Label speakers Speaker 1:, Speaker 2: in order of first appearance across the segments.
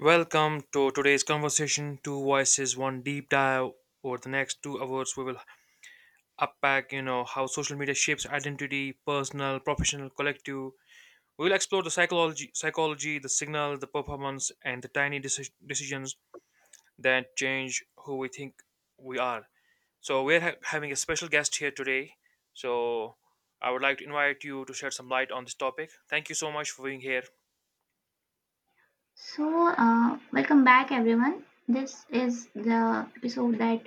Speaker 1: Welcome to today's conversation. Two voices, one deep dive. Over the next 2 hours, we will unpack, how social media shapes identity, personal, professional, collective. We will explore the psychology, the signal, the performance, and the tiny decisions that change who we think we are. So we're having a special guest here today. So I would like to invite you to shed some light on this topic. Thank you so much for being here.
Speaker 2: Welcome back, everyone. This is the episode that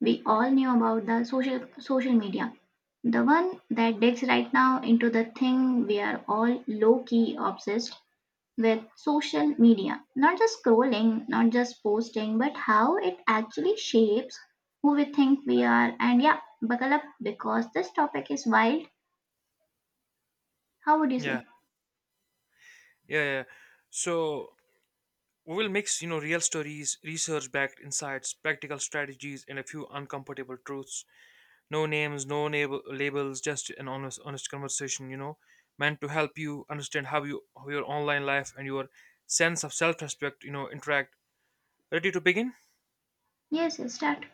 Speaker 2: we all knew about the social media, the one that digs right now into the thing we are all low key obsessed with social media. Not just scrolling, not just posting, but how it actually shapes who we think we are. And yeah, buckle up because this topic is wild. How would you
Speaker 1: Yeah,
Speaker 2: say?
Speaker 1: yeah, yeah. So we will mix, real stories, research-backed insights, practical strategies, and a few uncomfortable truths. No names, no labels, just an honest conversation. Meant to help you understand how your online life and your sense of self-respect, interact. Ready to begin?
Speaker 2: Yes, yes, start.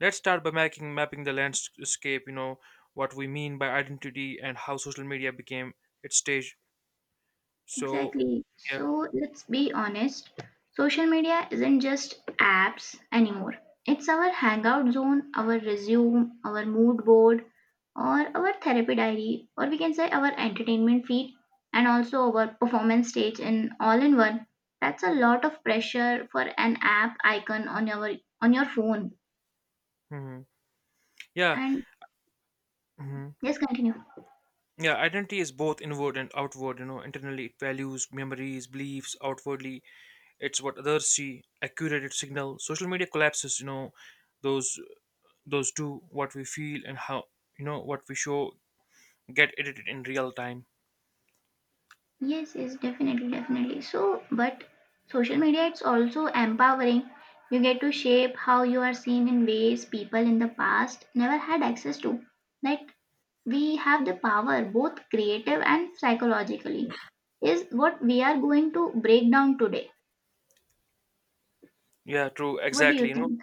Speaker 1: Let's start by making mapping the landscape. What we mean by identity and how social media became its stage. So,
Speaker 2: Exactly.
Speaker 1: yeah,
Speaker 2: So let's be honest. Social media isn't just apps anymore. It's our hangout zone, our resume, our mood board, or our therapy diary, or we can say our entertainment feed, and also our performance stage in all in one. That's a lot of pressure for an app icon on your phone.
Speaker 1: mhm, yeah,
Speaker 2: And
Speaker 1: mhm.
Speaker 2: just continue.
Speaker 1: Yeah, identity is both inward and outward. You know, internally it values, memories, beliefs. Outwardly, it's what others see, a curated signal. Social media collapses, those those two, what we feel and how what we show, get edited in real time.
Speaker 2: Yes, yes, definitely, definitely. So, but social media it's also empowering. You get to shape how you are seen in ways people in the past never had access to. That we have the power, both creative and psychologically, is what we are going to break down today.
Speaker 1: Yeah, true,
Speaker 2: What do
Speaker 1: exactly.
Speaker 2: you think?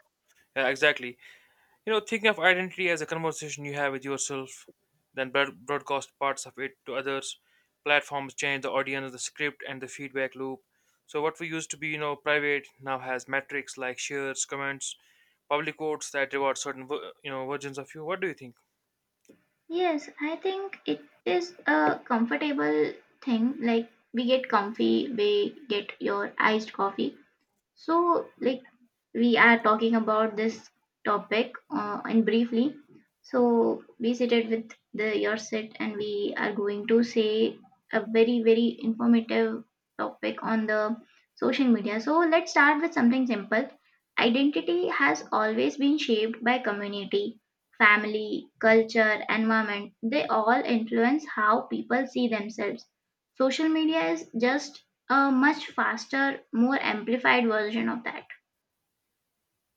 Speaker 1: Exactly. You know, think of identity as a conversation you have with yourself, then broadcast parts of it to others. Platforms change the audience, the script, and the feedback loop. So what we used to be, you know, private now has metrics like shares, comments, public votes that reward certain, you know, versions of you. What do you think?
Speaker 2: Yes, I think it is a comfortable thing. Like we get comfy, we get your iced coffee. So like we are talking about this topic and briefly. So be seated with the your set, and we are going to say a very informative topic on the social media. So let's start with something simple. Identity has always been shaped by community, family, culture, environment. They all influence how people see themselves. Social media is just a much faster, more amplified version of that.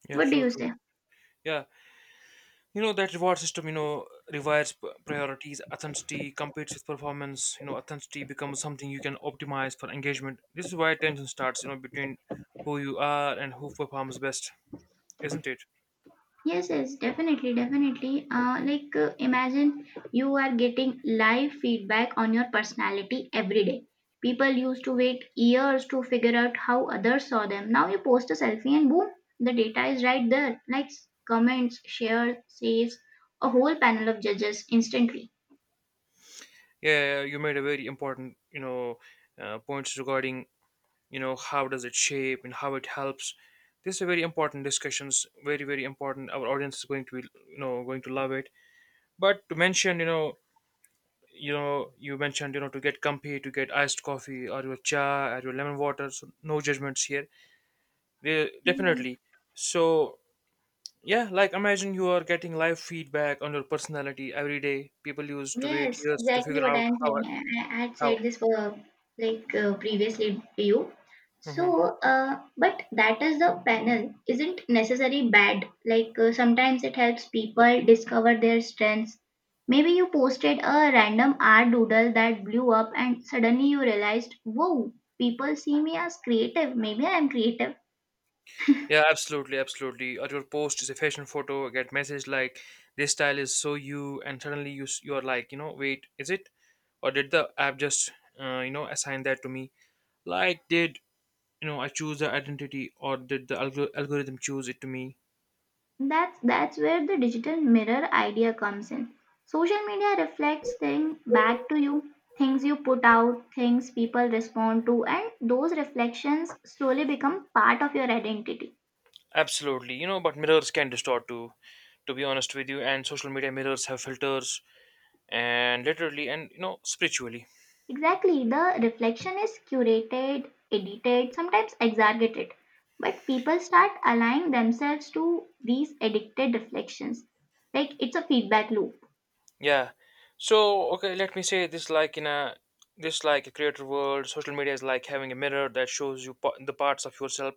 Speaker 1: Yeah,
Speaker 2: What do
Speaker 1: true,
Speaker 2: you
Speaker 1: true.
Speaker 2: say?
Speaker 1: Yeah, you know, that reward system, rewards priorities. Authenticity competes with performance. You know, authenticity becomes something you can optimize for engagement. This is why tension starts, between who you are and who performs best, isn't it?
Speaker 2: Yes, yes, definitely, definitely. Imagine you are getting live feedback on your personality every day. People used to wait years to figure out how others saw them. Now you post a selfie and boom, the data is right there. Likes, comments, shares, says, a whole panel of judges instantly.
Speaker 1: Yeah, yeah, you made a very important, points regarding, how does it shape and how it helps. This is a very important discussions, very, very important. Our audience is going to be, going to love it. But to mention, you know you mentioned, to get comfy, to get iced coffee or your cha or your lemon water, so no judgments here. They, definitely. So yeah, like imagine you are getting live feedback on your personality every day. People used to wait
Speaker 2: Yes,
Speaker 1: years to
Speaker 2: exactly
Speaker 1: figure
Speaker 2: what
Speaker 1: out
Speaker 2: I'm
Speaker 1: how
Speaker 2: saying. I had
Speaker 1: how
Speaker 2: said this for like previously to you.
Speaker 1: Hmm.
Speaker 2: But that is the panel isn't necessarily bad. Like sometimes it helps people discover their strengths. Maybe you posted a random art doodle that blew up, and suddenly you realized, whoa, people see me as creative. Maybe I'm creative.
Speaker 1: Yeah, absolutely, or your post is a fashion photo, get message like this style is so you, and suddenly you are like, you know, wait, is it, or did the app just, you know, assign that to me? Like, did, you know, I choose the identity, or did the algorithm choose it to me?
Speaker 2: That's where the digital mirror idea comes in. Social media reflects things back to you, things you put out, things people respond to, and those reflections slowly become part of your identity.
Speaker 1: Absolutely, you know, but mirrors can distort too, to be honest with you. And social media mirrors have filters, and literally, and you know, spiritually.
Speaker 2: Exactly, the reflection is curated, edited, sometimes exaggerated, but people start aligning themselves to these edited reflections. Like it's a feedback loop.
Speaker 1: Yeah. So okay, let me say this like in a this like a creator world. Social media is like having a mirror that shows you the parts of yourself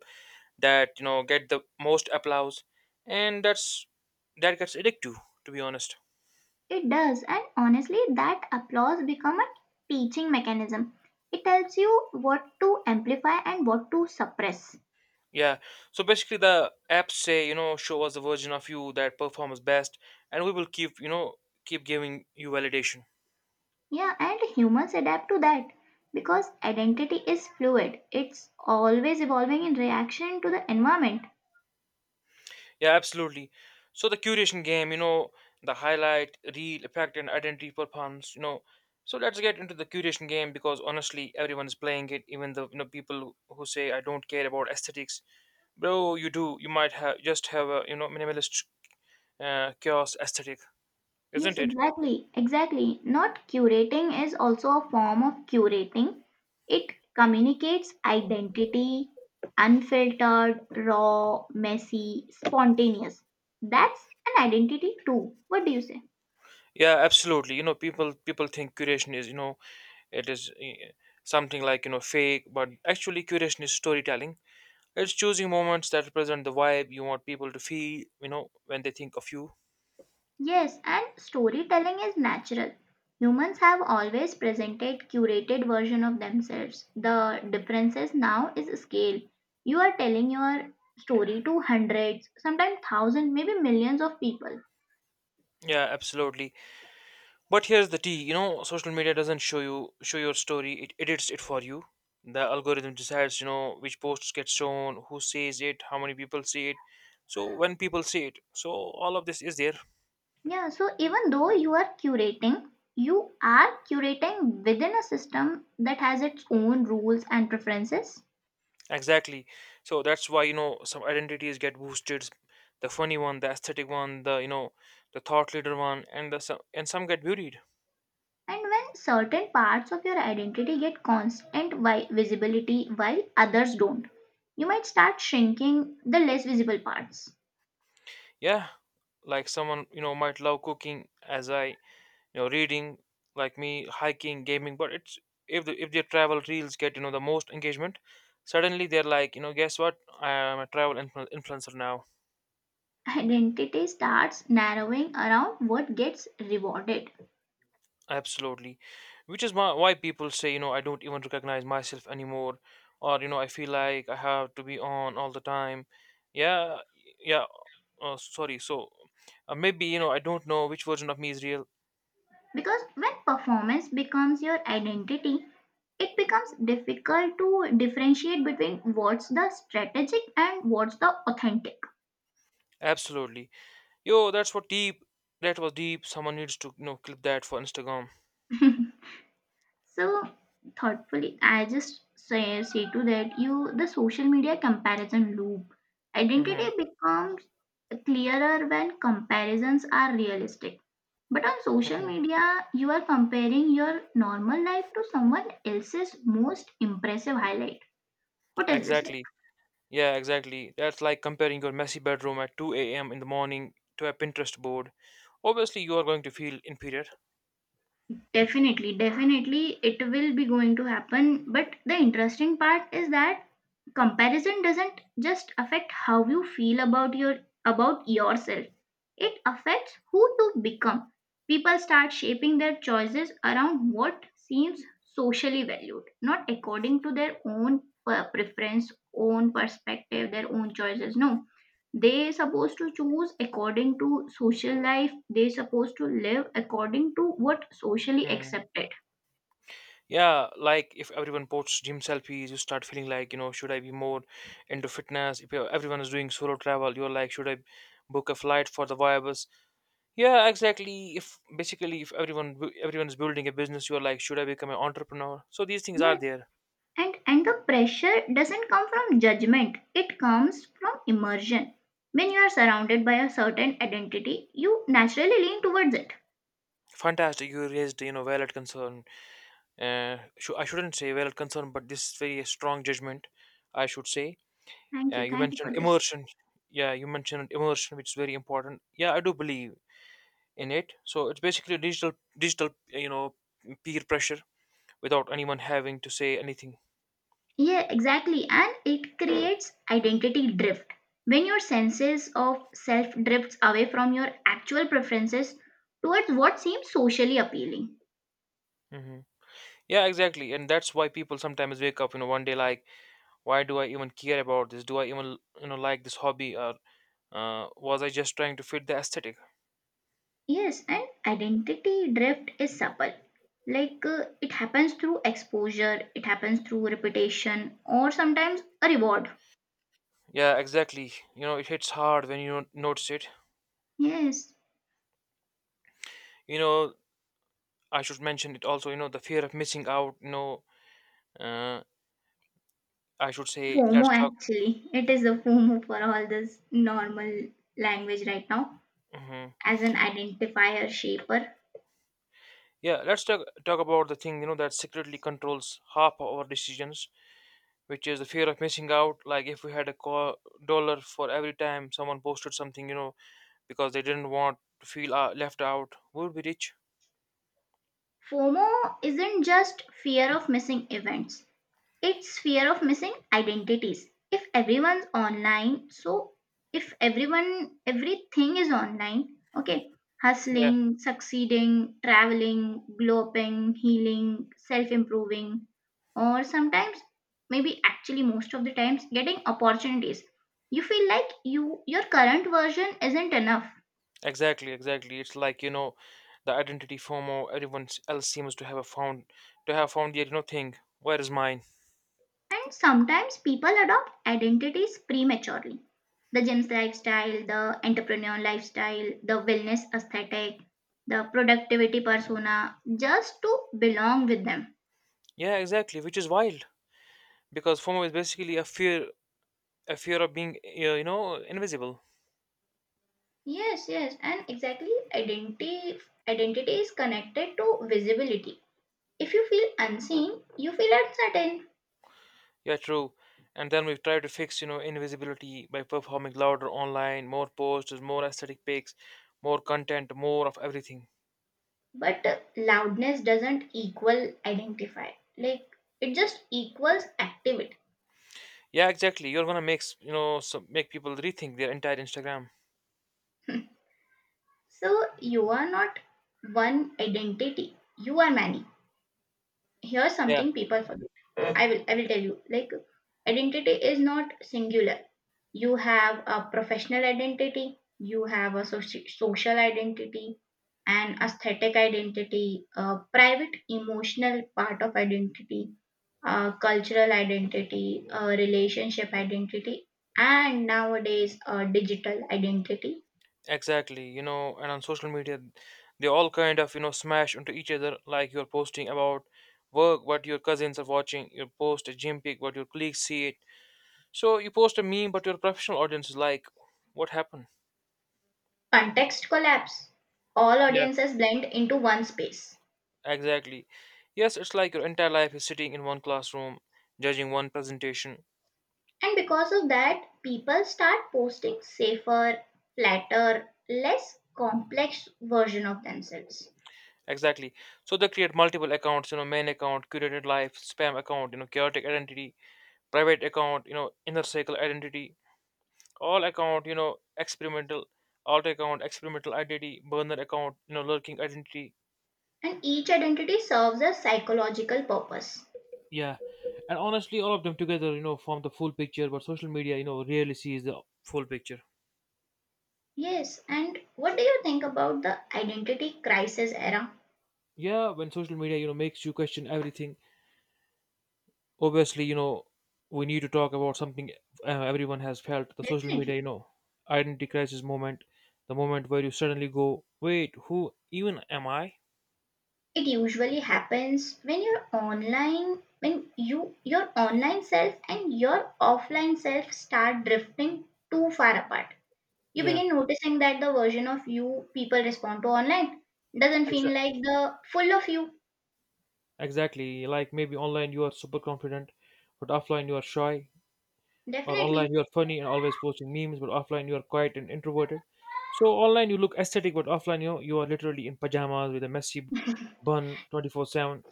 Speaker 1: that, you know, get the most applause, and that gets addictive, to be honest.
Speaker 2: It does, and honestly, that applause become a teaching mechanism. It tells you what to amplify and what to suppress.
Speaker 1: Yeah. So basically, the apps say, you know, show us the version of you that performs best, and we will keep, keep giving you validation.
Speaker 2: Yeah, and humans adapt to that because identity is fluid. It's always evolving in reaction to the environment.
Speaker 1: Yeah, absolutely. So the curation game, you know, the highlight, reel, effect, and identity performance, you know. So let's get into the curation game because honestly, everyone is playing it. Even the, you know, people who say I don't care about aesthetics, bro, you do. You might have just have a, you know, minimalist, chaos aesthetic,
Speaker 2: Yes,
Speaker 1: isn't it?
Speaker 2: exactly. Exactly. Not curating is also a form of curating. It communicates identity, unfiltered, raw, messy, spontaneous. That's an identity too. What do you say?
Speaker 1: Yeah, absolutely. You know, people think curation is, you know, it is something like, you know, fake, but actually curation is storytelling. It's choosing moments that represent the vibe you want people to feel, you know, when they think of you.
Speaker 2: Yes, and storytelling is natural. Humans have always presented curated version of themselves. The differences now is scale. You are telling your story to hundreds, sometimes thousands, maybe millions of people.
Speaker 1: Yeah, absolutely. But here's the tea, you know, social media doesn't show your story, it edits it for you. The algorithm decides, you know, which posts get shown, who says it, how many people see it. So when people see it, so all of this is there.
Speaker 2: Yeah, so even though you are curating within a system that has its own rules and preferences.
Speaker 1: Exactly. So that's why, you know, some identities get boosted. The funny one, the aesthetic one, the, you know, the thought leader one, and the some and some get buried.
Speaker 2: And when certain parts of your identity get constant visibility while others don't, you might start shrinking the less visible parts.
Speaker 1: Yeah. Like someone, you know, might love cooking as I, you know, reading, like me, hiking, gaming, but it's if the, if their travel reels get, you know, the most engagement, suddenly they're like, you know, guess what? I'm a travel influencer now.
Speaker 2: Identity starts narrowing around what gets rewarded.
Speaker 1: Absolutely. Which is why people say, you know, I don't even recognize myself anymore, or, you know, I feel like I have to be on all the time. Yeah, yeah, sorry. So maybe, you know, I don't know which version of me is real.
Speaker 2: Because when performance becomes your identity, it becomes difficult to differentiate between what's the strategic and what's the authentic.
Speaker 1: Absolutely. Yo, that's what deep. That was deep. Someone needs to, you know, clip that for Instagram.
Speaker 2: So thoughtfully I just say, to that you the social media comparison loop,
Speaker 1: Mm-hmm.
Speaker 2: identity becomes clearer when comparisons are realistic, but on social
Speaker 1: Mm-hmm.
Speaker 2: media you are comparing your normal life to someone else's most impressive highlight. What is this
Speaker 1: Exactly.
Speaker 2: like?
Speaker 1: Yeah, exactly. That's like comparing your messy bedroom at 2 a.m. in the morning to a Pinterest board. Obviously, you are going to feel inferior.
Speaker 2: Definitely, definitely it will be going to happen, but the interesting part is that comparison doesn't just affect how you feel about your about yourself, it affects who you become. People start shaping their choices around what seems socially valued, not according to their own preference, own perspective, their own choices. No, they supposed to choose according to social life, they supposed to live according to what socially
Speaker 1: Mm.
Speaker 2: accepted.
Speaker 1: Yeah, like if everyone posts gym selfies, you start feeling like, you know, should I be more into fitness? If everyone is doing solo travel, you're like, should I book a flight for the vibes? Yeah, exactly. If basically if everyone everyone is building a business, you're like, should I become an entrepreneur? So these things are
Speaker 2: Yes.
Speaker 1: there.
Speaker 2: And the pressure doesn't come from judgment, it comes from immersion. When you are surrounded by a certain identity you naturally lean towards it.
Speaker 1: Fantastic, you raised, you know, valid concern. I shouldn't say valid concern, but this is very strong judgment, I should say.
Speaker 2: thank you
Speaker 1: You
Speaker 2: thank you for
Speaker 1: mentioned
Speaker 2: this.
Speaker 1: immersion. Yeah, you mentioned immersion, which is very important. Yeah, I do believe in it. So it's basically digital, you know, peer pressure without anyone having to say anything.
Speaker 2: Yeah, exactly, and it creates identity drift when your senses of self drifts away from your actual preferences towards what seems socially appealing.
Speaker 1: Hmm. Yeah, exactly, and that's why people sometimes wake up, you know, one day like, why do I even care about this? Do I even, you know, like this hobby, or, was I just trying to fit the aesthetic?
Speaker 2: Yes, and identity drift is subtle. Like it happens through exposure, it happens through repetition, or sometimes a reward.
Speaker 1: Yeah, exactly. You know, it hits hard when you don't notice it.
Speaker 2: Yes,
Speaker 1: You know, I should mention it also, you know, the fear of missing out. You know, uh, I should say, let's
Speaker 2: FOMO
Speaker 1: talk.
Speaker 2: actually. It is a FOMO for all this normal language right now
Speaker 1: Hmm.
Speaker 2: as an identifier shaper.
Speaker 1: Yeah, let's talk about the thing, you know, that secretly controls half our decisions, which is the fear of missing out. Like if we had a dollar for every time someone posted something, you know, because they didn't want to feel, left out, we would be rich.
Speaker 2: FOMO isn't just fear of missing events, it's fear of missing identities. If everyone's online, so if everything is online, okay,
Speaker 1: Yeah,
Speaker 2: hustling, succeeding, traveling, glow upping, healing, self improving, or sometimes, maybe actually most of the times, getting opportunities. You feel like your current version isn't enough.
Speaker 1: exactly, exactly. It's like, you know, the identity FOMO. Everyone else seems to have found yet no thing. Where is mine?
Speaker 2: And sometimes people adopt identities prematurely. The gym's lifestyle, the entrepreneur lifestyle, the wellness aesthetic, the productivity persona, just to belong with them.
Speaker 1: Yeah, exactly. Which is wild because FOMO is basically a fear of being, you know, invisible.
Speaker 2: Yes, yes, and exactly identity is connected to visibility. If you feel unseen, you feel uncertain.
Speaker 1: Yeah, true. And then we've tried to fix, you know, invisibility by performing louder online, more posts, more aesthetic pics, more content, more of everything.
Speaker 2: But loudness doesn't equal identify. Like it just equals activity.
Speaker 1: Yeah, exactly. You're gonna make, you know, so make people rethink their entire Instagram.
Speaker 2: So you are not one identity. You are many. Here's
Speaker 1: Yeah,
Speaker 2: something people forget. I will tell you. Like identity is not singular. You have a professional identity, you have a social identity, an aesthetic identity, a private emotional part of identity, a cultural identity, a relationship identity, and nowadays a digital identity.
Speaker 1: exactly. You know, and on social media, they all kind of, you know, smash into each other. Like you're posting about work, what your cousins are watching. You post a gym pic, what your colleagues see it. So you post a meme, but your professional audience is like, "What happened?"
Speaker 2: Context collapse. All
Speaker 1: Yeah.
Speaker 2: audiences blend into one space.
Speaker 1: Exactly. Yes, it's like your entire life is sitting in one classroom, judging one presentation.
Speaker 2: And because of that, people start posting safer, flatter, less complex version of themselves.
Speaker 1: Exactly. So they create multiple accounts, you know, main account, curated life, spam account, you know, chaotic identity, private account, you know, inner circle identity, all account, you know, experimental, alt account, experimental identity, burner account, you know, lurking identity.
Speaker 2: And each identity serves a psychological purpose.
Speaker 1: Yeah. And honestly, all of them together, you know, form the full picture, but social media, you know, rarely sees the full picture.
Speaker 2: Yes, and what do you think about the identity crisis era?
Speaker 1: Yeah, when social media, you know, makes you question everything, obviously, you know, we need to talk about something. Uh, everyone has felt the social media,
Speaker 2: Definitely.
Speaker 1: you know, identity crisis moment, the moment where you suddenly go, wait, who even am I?
Speaker 2: It usually happens when you're online, when your online self and your offline self start drifting too far apart. You
Speaker 1: Yeah,
Speaker 2: begin noticing that the version of you people respond to online doesn't feel
Speaker 1: exa-
Speaker 2: like the full of you.
Speaker 1: exactly, like maybe online you are super confident, but offline you are shy, or online
Speaker 2: Definitely.
Speaker 1: you are funny and always posting memes, but offline you are quiet and introverted, so online you look aesthetic, but offline, you know, you are literally in pajamas with a messy bun 24/7.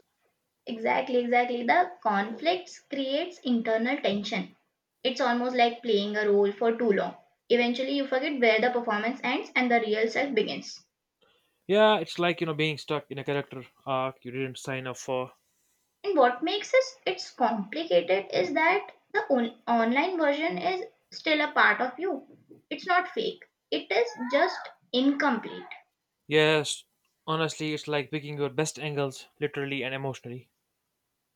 Speaker 2: Exactly, exactly. The conflicts creates internal tension. It's almost like playing a role for too long. Eventually you forget where the performance ends and the real self begins.
Speaker 1: Yeah, it's like, you know, being stuck in a character arc you didn't sign up for.
Speaker 2: And what makes this it's complicated is that the online version is still a part of you. It's not fake. It is just incomplete.
Speaker 1: Yes, honestly, it's like picking your best angles, literally and emotionally.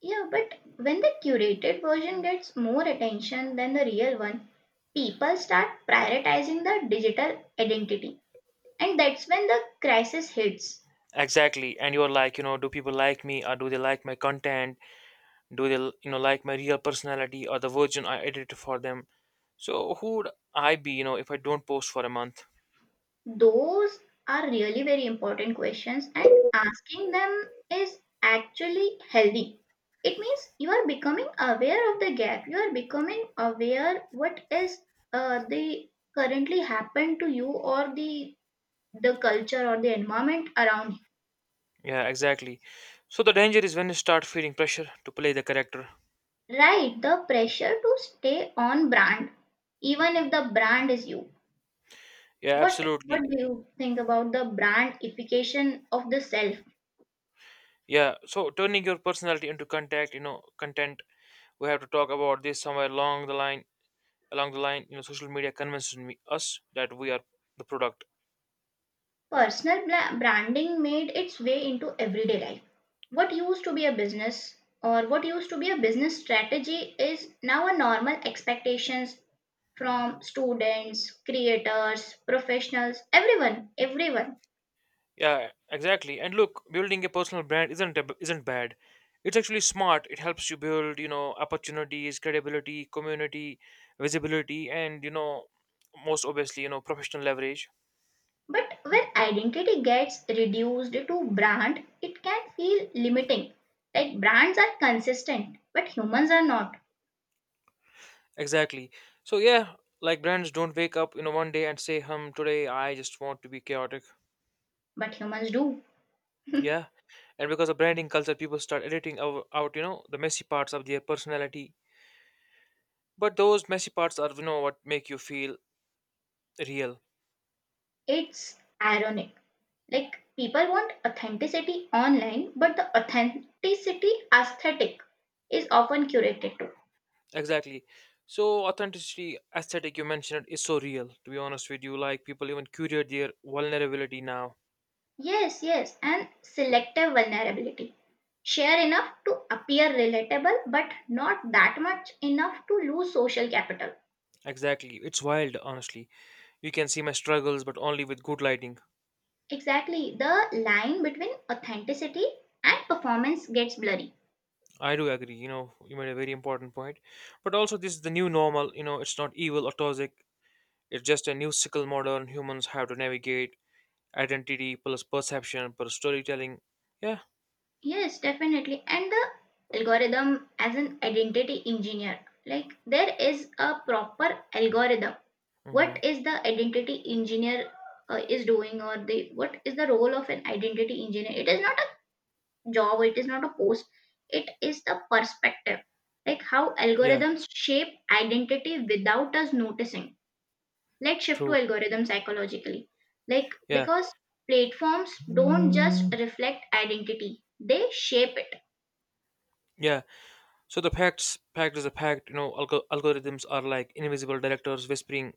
Speaker 2: Yeah, but when the curated version gets more attention than the real one, people start prioritizing the digital identity. And that's when the crisis hits.
Speaker 1: Exactly. And you're like, you know, do people like me, or do they like my content? Do they, you know, like my real personality or the version I edited for them? So who would I be, if I don't post for a month?
Speaker 2: Those are really very important questions, and asking them is actually healthy. It means you are becoming aware of the gap. You are becoming aware what is the currently happened to you or the culture or the environment around.
Speaker 1: Yeah, exactly. So the danger is when you start feeling pressure to play the character.
Speaker 2: Right, the pressure to stay on brand, even if the brand is you.
Speaker 1: Yeah,
Speaker 2: What
Speaker 1: absolutely.
Speaker 2: do you think about the brandification of the self?
Speaker 1: Yeah. So turning your personality into contact, content. We have to talk about this somewhere along the line. Along the line, social media convinces us that we are the product.
Speaker 2: Personal branding made its way into everyday life. What used to be a business or what used to be a business strategy is now a normal expectations from students, creators, professionals, everyone, everyone.
Speaker 1: Yeah, exactly. And look, building a personal brand isn't bad. It's actually smart. It helps you build, opportunities, credibility, community, visibility, and most obviously, professional leverage.
Speaker 2: But when identity gets reduced to brand, it can feel limiting. Like brands are consistent, but humans are not.
Speaker 1: Exactly. So yeah, like brands don't wake up, one day and say, hum today I just want to be chaotic.
Speaker 2: But humans do.
Speaker 1: Yeah. And because of branding culture, people start editing out the messy parts of their personality. But those messy parts are, what make you feel real.
Speaker 2: It's ironic. Like people want authenticity online, but the authenticity aesthetic is often curated too.
Speaker 1: Exactly. So authenticity aesthetic, you mentioned, is so real, to be honest with you. Like people even curate their vulnerability now.
Speaker 2: Yes, yes, and selective vulnerability. Share enough to appear relatable, but not that much enough to lose social capital.
Speaker 1: Exactly, it's wild, honestly. You can see my struggles, but only with good lighting.
Speaker 2: Exactly. The line between authenticity and performance gets blurry.
Speaker 1: I do agree. You made a very important point. But also, this is the new normal. It's not evil or toxic. It's just a new sickle modern humans have to navigate. Identity plus perception plus storytelling. Yeah.
Speaker 2: Yes, definitely. And the algorithm as an identity engineer, like there is a proper algorithm. What
Speaker 1: Hmm.
Speaker 2: is the identity engineer is doing, or the what is the role of an identity engineer? It is not a job. It is not a post. It is the perspective, like how
Speaker 1: Yeah,
Speaker 2: algorithms shape identity without us noticing. Let's shift to
Speaker 1: true.
Speaker 2: algorithm psychologically, like
Speaker 1: Yeah,
Speaker 2: because platforms don't just reflect identity, they shape it.
Speaker 1: yeah. So the fact is a fact. You know, algorithms are like invisible directors whispering,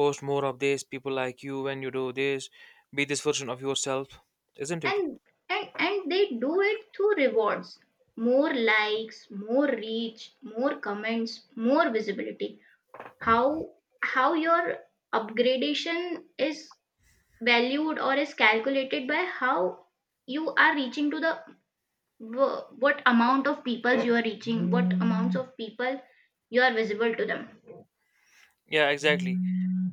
Speaker 1: "Post more of this. People like you when you do this, be this version of yourself," isn't it?
Speaker 2: And and and they do it through rewards, more likes, more reach, more comments, more visibility. How how your upgradation is valued or is calculated by how you are reaching to the what amount of people you are reaching, what amounts of people you are visible to them.
Speaker 1: Yeah, exactly.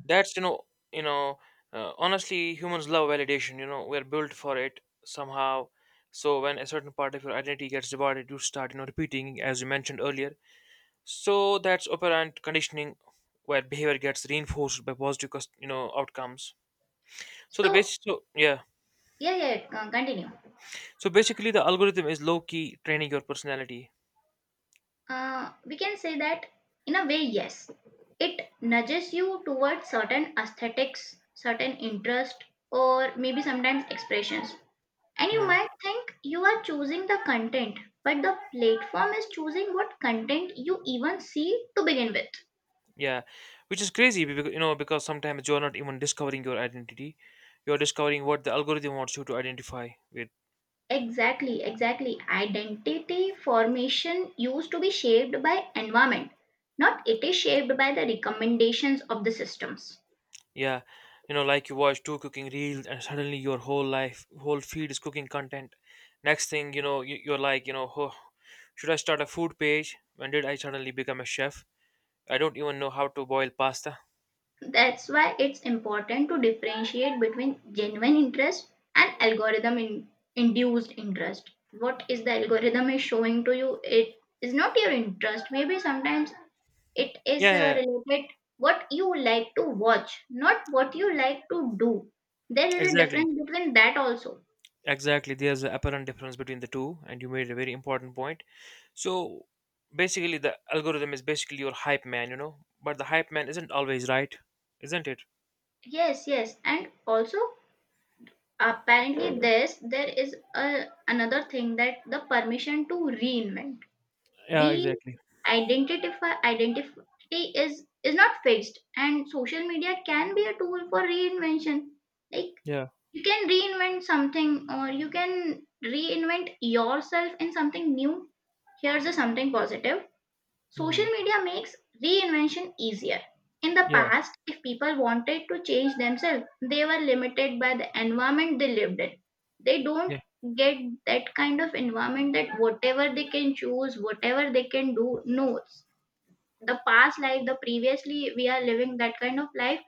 Speaker 1: That's you know, you know. Honestly, humans love validation. You know, we're built for it somehow. So when a certain part of your identity gets divided, you start, repeating, as you mentioned earlier. So that's operant conditioning, where behavior gets reinforced by positive, outcomes. So the
Speaker 2: So,
Speaker 1: basic, so yeah.
Speaker 2: yeah, yeah, continue.
Speaker 1: So basically, the algorithm is low key training your personality.
Speaker 2: We can say that in a way, yes, it nudges you towards certain aesthetics, certain interest, or maybe sometimes expressions. And you
Speaker 1: Mhm.
Speaker 2: might think you are choosing the content, but the platform is choosing what content you even see to begin with.
Speaker 1: Yeah, which is crazy, because because sometimes you're not even discovering your identity. You're discovering what the algorithm wants you to identify with.
Speaker 2: Exactly, exactly. Identity formation used to be shaped by environment, not it is shaped by the recommendations of the systems.
Speaker 1: Yeah, you know, like you watch two cooking reels and suddenly your whole life, whole feed is cooking content. Next thing you know, you're like, you know, oh, should I start a food page? When did I suddenly become a chef? I don't even know how to boil pasta.
Speaker 2: That's why it's important to differentiate between genuine interest and algorithm induced interest. What is the algorithm is showing to you? It is not your interest. Maybe sometimes it
Speaker 1: Yeah,
Speaker 2: is
Speaker 1: yeah, yeah,
Speaker 2: related what you like to watch, not what you like to do. There is a
Speaker 1: exactly.
Speaker 2: difference between that also.
Speaker 1: Exactly, there's an apparent difference between the two, and you made a very important point. So basically, the algorithm is basically your hype man, you know, but the hype man isn't always right, isn't it?
Speaker 2: Yes, and also apparently this there is a, another thing that the permission to reinvent
Speaker 1: Yeah,
Speaker 2: we
Speaker 1: exactly.
Speaker 2: identify identity is not fixed and social media can be a tool for reinvention like
Speaker 1: Yeah,
Speaker 2: you can reinvent something or you can reinvent yourself in something new. Here's a something positive.
Speaker 1: hmm,
Speaker 2: Social media makes reinvention easier. In the
Speaker 1: yeah,
Speaker 2: past, if people wanted to change themselves, they were limited by the environment they lived in. They
Speaker 1: yeah,
Speaker 2: don't get that kind of environment that whatever they can choose, whatever they can do, knows. The past life, the previously we are living that kind of life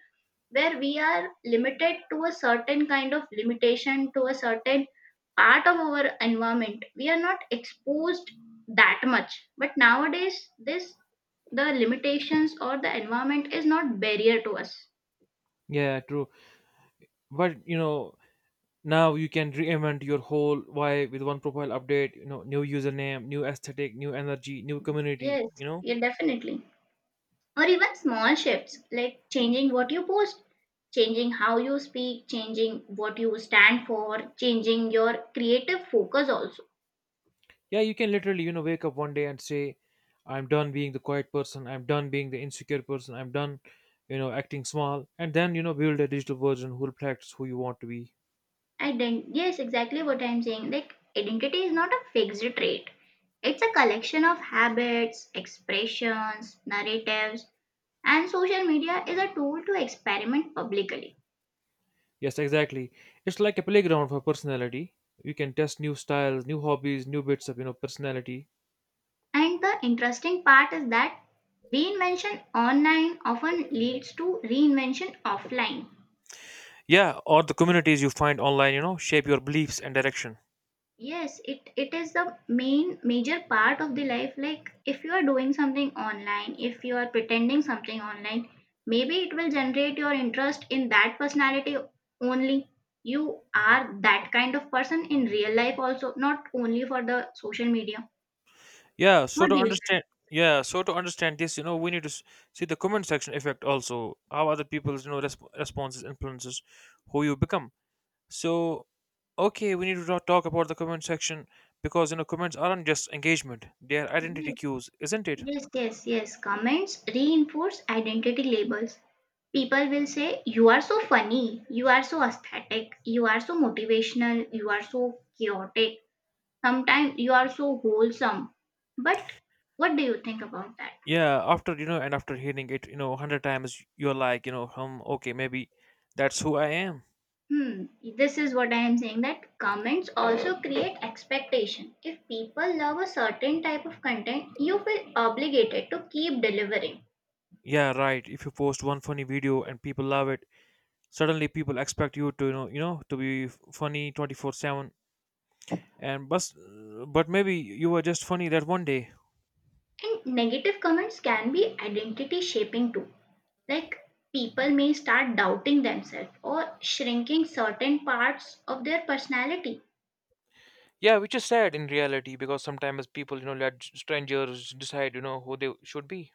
Speaker 2: where we are limited to a certain kind of limitation to a certain part of our environment we are not exposed that much, but nowadays this the limitations or the environment is not barrier to us.
Speaker 1: yeah, true. But you know, now you can reinvent your whole why with one profile update, you know, new username, new aesthetic, new energy, new community,
Speaker 2: Yes,
Speaker 1: you know?
Speaker 2: yeah, definitely, or even small shifts like changing what you post, changing how you speak, changing what you stand for, changing your creative focus also.
Speaker 1: Yeah, you can literally, you know, wake up one day and say, I'm done being the quiet person, I'm done being the insecure person, I'm done, you know, acting small, and then, you know, build a digital version who reflects who you want to be.
Speaker 2: Ident Yes, exactly what I'm saying. Like identity is not a fixed trait. It's a collection of habits, expressions, narratives, and social media is a tool to experiment publicly.
Speaker 1: Yes, exactly. It's like a playground for personality. You can test new styles, new hobbies, new bits of, you know, personality.
Speaker 2: And the interesting part is that reinvention online often leads to reinvention offline.
Speaker 1: Yeah, or the communities you find online, you know, shape your beliefs and direction.
Speaker 2: Yes, it is the main major part of the life. Like if you are doing something online, if you are pretending something online, maybe it will generate your interest in that personality only. You are that kind of person in real life also, not only for the social media.
Speaker 1: Yeah, so
Speaker 2: What
Speaker 1: to
Speaker 2: do you say?
Speaker 1: understand, yeah, so to understand this, you know, we need to see the comment section effect also, how other people's, you know, responses influences who you become. So, okay, we need to talk about the comment section, because you know comments aren't just engagement; they are identity
Speaker 2: Yes,
Speaker 1: cues, isn't it?
Speaker 2: yes. Comments reinforce identity labels. People will say, "You are so funny, you are so aesthetic, you are so motivational, you are so chaotic. Sometimes you are so wholesome." But what do you think about that?
Speaker 1: Yeah. After hearing it, you know, a hundred times, you're like, okay, maybe that's who I am.
Speaker 2: Hmm, this is what I am saying, that comments also create expectation. If people love a certain type of content, you feel obligated to keep delivering.
Speaker 1: Yeah, right. If you post one funny video and people love it, suddenly people expect you to, to be funny 24/7. And but maybe you were just funny that one day.
Speaker 2: And negative comments can be identity shaping too. Like people may start doubting themselves or shrinking certain parts of their personality.
Speaker 1: Yeah, which is sad in reality, because sometimes people, you know, let strangers decide, you know, who they should be.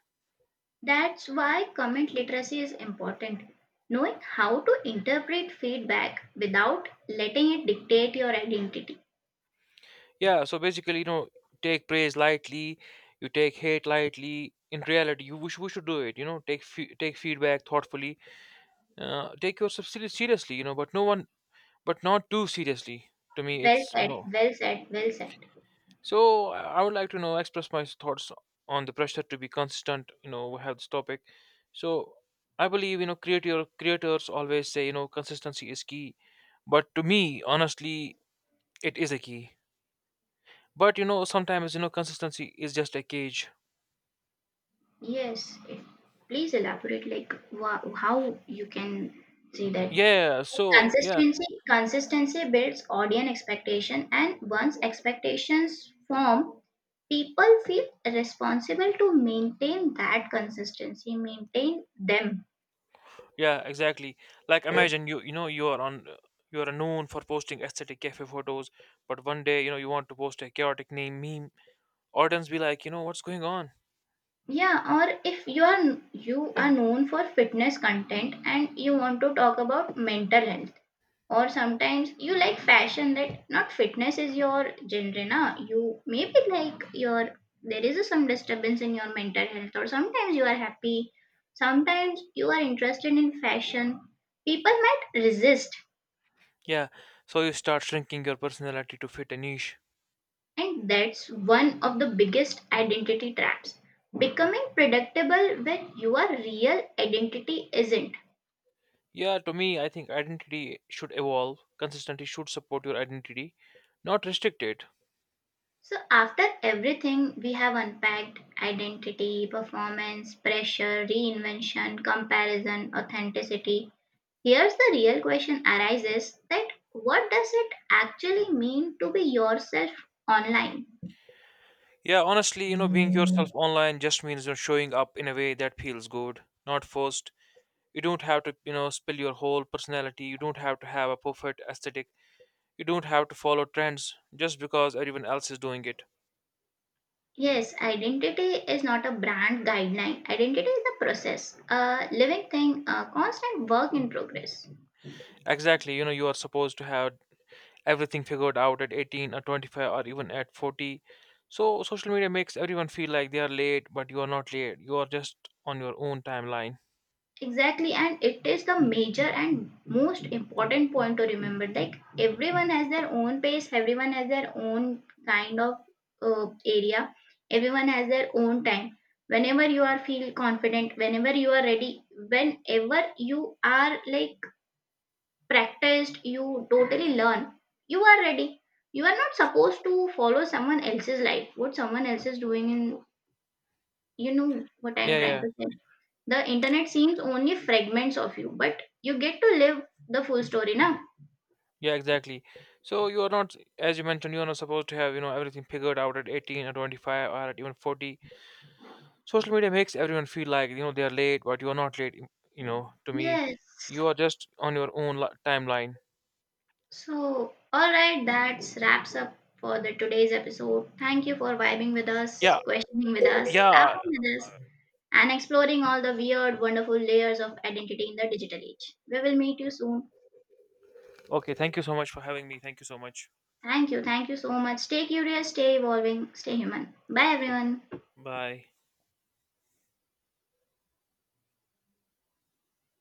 Speaker 2: That's why comment literacy is important. Knowing how to interpret feedback without letting it dictate your identity.
Speaker 1: Yeah, so basically, you know, take praise lightly, you take hate lightly. In reality, we should do it. You know, take take feedback thoughtfully. Take yourself seriously. You know, but not too seriously. To me,
Speaker 2: Well
Speaker 1: it's you
Speaker 2: said,
Speaker 1: know.
Speaker 2: well said, well said.
Speaker 1: So I would like to, you know, express my thoughts on the pressure to be consistent. You know, we have this topic. So I believe, you know, creators always say, you know, consistency is key. But to me, honestly, it is a key. But you know, sometimes you know consistency is just a cage.
Speaker 2: Yes, please elaborate, like how you can see that.
Speaker 1: Yeah, so yeah,
Speaker 2: Consistency builds audience expectation, and once expectations form, people feel responsible to maintain that consistency, maintain them.
Speaker 1: yeah, exactly. Like imagine you know you are on you are known for posting aesthetic cafe photos, but one day you know you want to post a chaotic name meme. Audience be like, you know, what's going on?
Speaker 2: Yeah, or if you are known for fitness content and you want to talk about mental health, or sometimes you like fashion, that not fitness is your genre, na. You maybe like your there is some disturbance in your mental health, or sometimes you are happy, sometimes you are interested in fashion. People might resist,
Speaker 1: Yeah, so you start shrinking your personality to fit a niche.
Speaker 2: and that's one of the biggest identity traps. Becoming predictable when your real identity isn't.
Speaker 1: Yeah, to me, I think identity should evolve. Consistency should support your identity, not restrict it.
Speaker 2: So, after everything, we have unpacked identity, performance, pressure, reinvention, comparison, authenticity. Here's the real question arises, that what does it actually mean to be yourself online?
Speaker 1: Yeah, honestly, you know, being yourself online just means you're showing up in a way that feels good, not forced. You don't have to, spill your whole personality. You don't have to have a perfect aesthetic. You don't have to follow trends just because everyone else is doing it.
Speaker 2: Yes, identity is not a brand guideline. Identity is a process, a living thing, a constant work in progress.
Speaker 1: Exactly. You are supposed to have everything figured out at 18 or 25 or even at 40. So social media makes everyone feel like they are late, but you are not late. You are just on your own timeline.
Speaker 2: Exactly, and it is the major and most important point to remember. Like everyone has their own pace, everyone has their own kind of area, everyone has their own time. Whenever you are feel confident, whenever you are ready, whenever you are like practiced, you totally learn. You are ready. You are not supposed to follow someone else's life. What someone else is doing in, you know what
Speaker 1: Yeah,
Speaker 2: I'm trying
Speaker 1: yeah,
Speaker 2: to say. The internet seems only fragments of you, but you get to live the full story now.
Speaker 1: yeah, exactly. So you are not, as you mentioned, you are not supposed to have, you know, everything figured out at 18 or 25 or at even 40. Social media makes everyone feel like, you know, they are late, but you are not late. You know, to me,
Speaker 2: Yes.
Speaker 1: you are just on your own timeline.
Speaker 2: So, all right, that wraps up for the today's episode. Thank you for vibing with us,
Speaker 1: Yeah,
Speaker 2: questioning with us,
Speaker 1: yeah.
Speaker 2: laughing with us, and exploring all the weird, wonderful layers of identity in the digital age. We will meet you soon.
Speaker 1: Okay, thank you so much for having me. Thank you so much.
Speaker 2: Thank you. Thank you so much. Stay curious, stay evolving, stay human. Bye, everyone.
Speaker 1: Bye.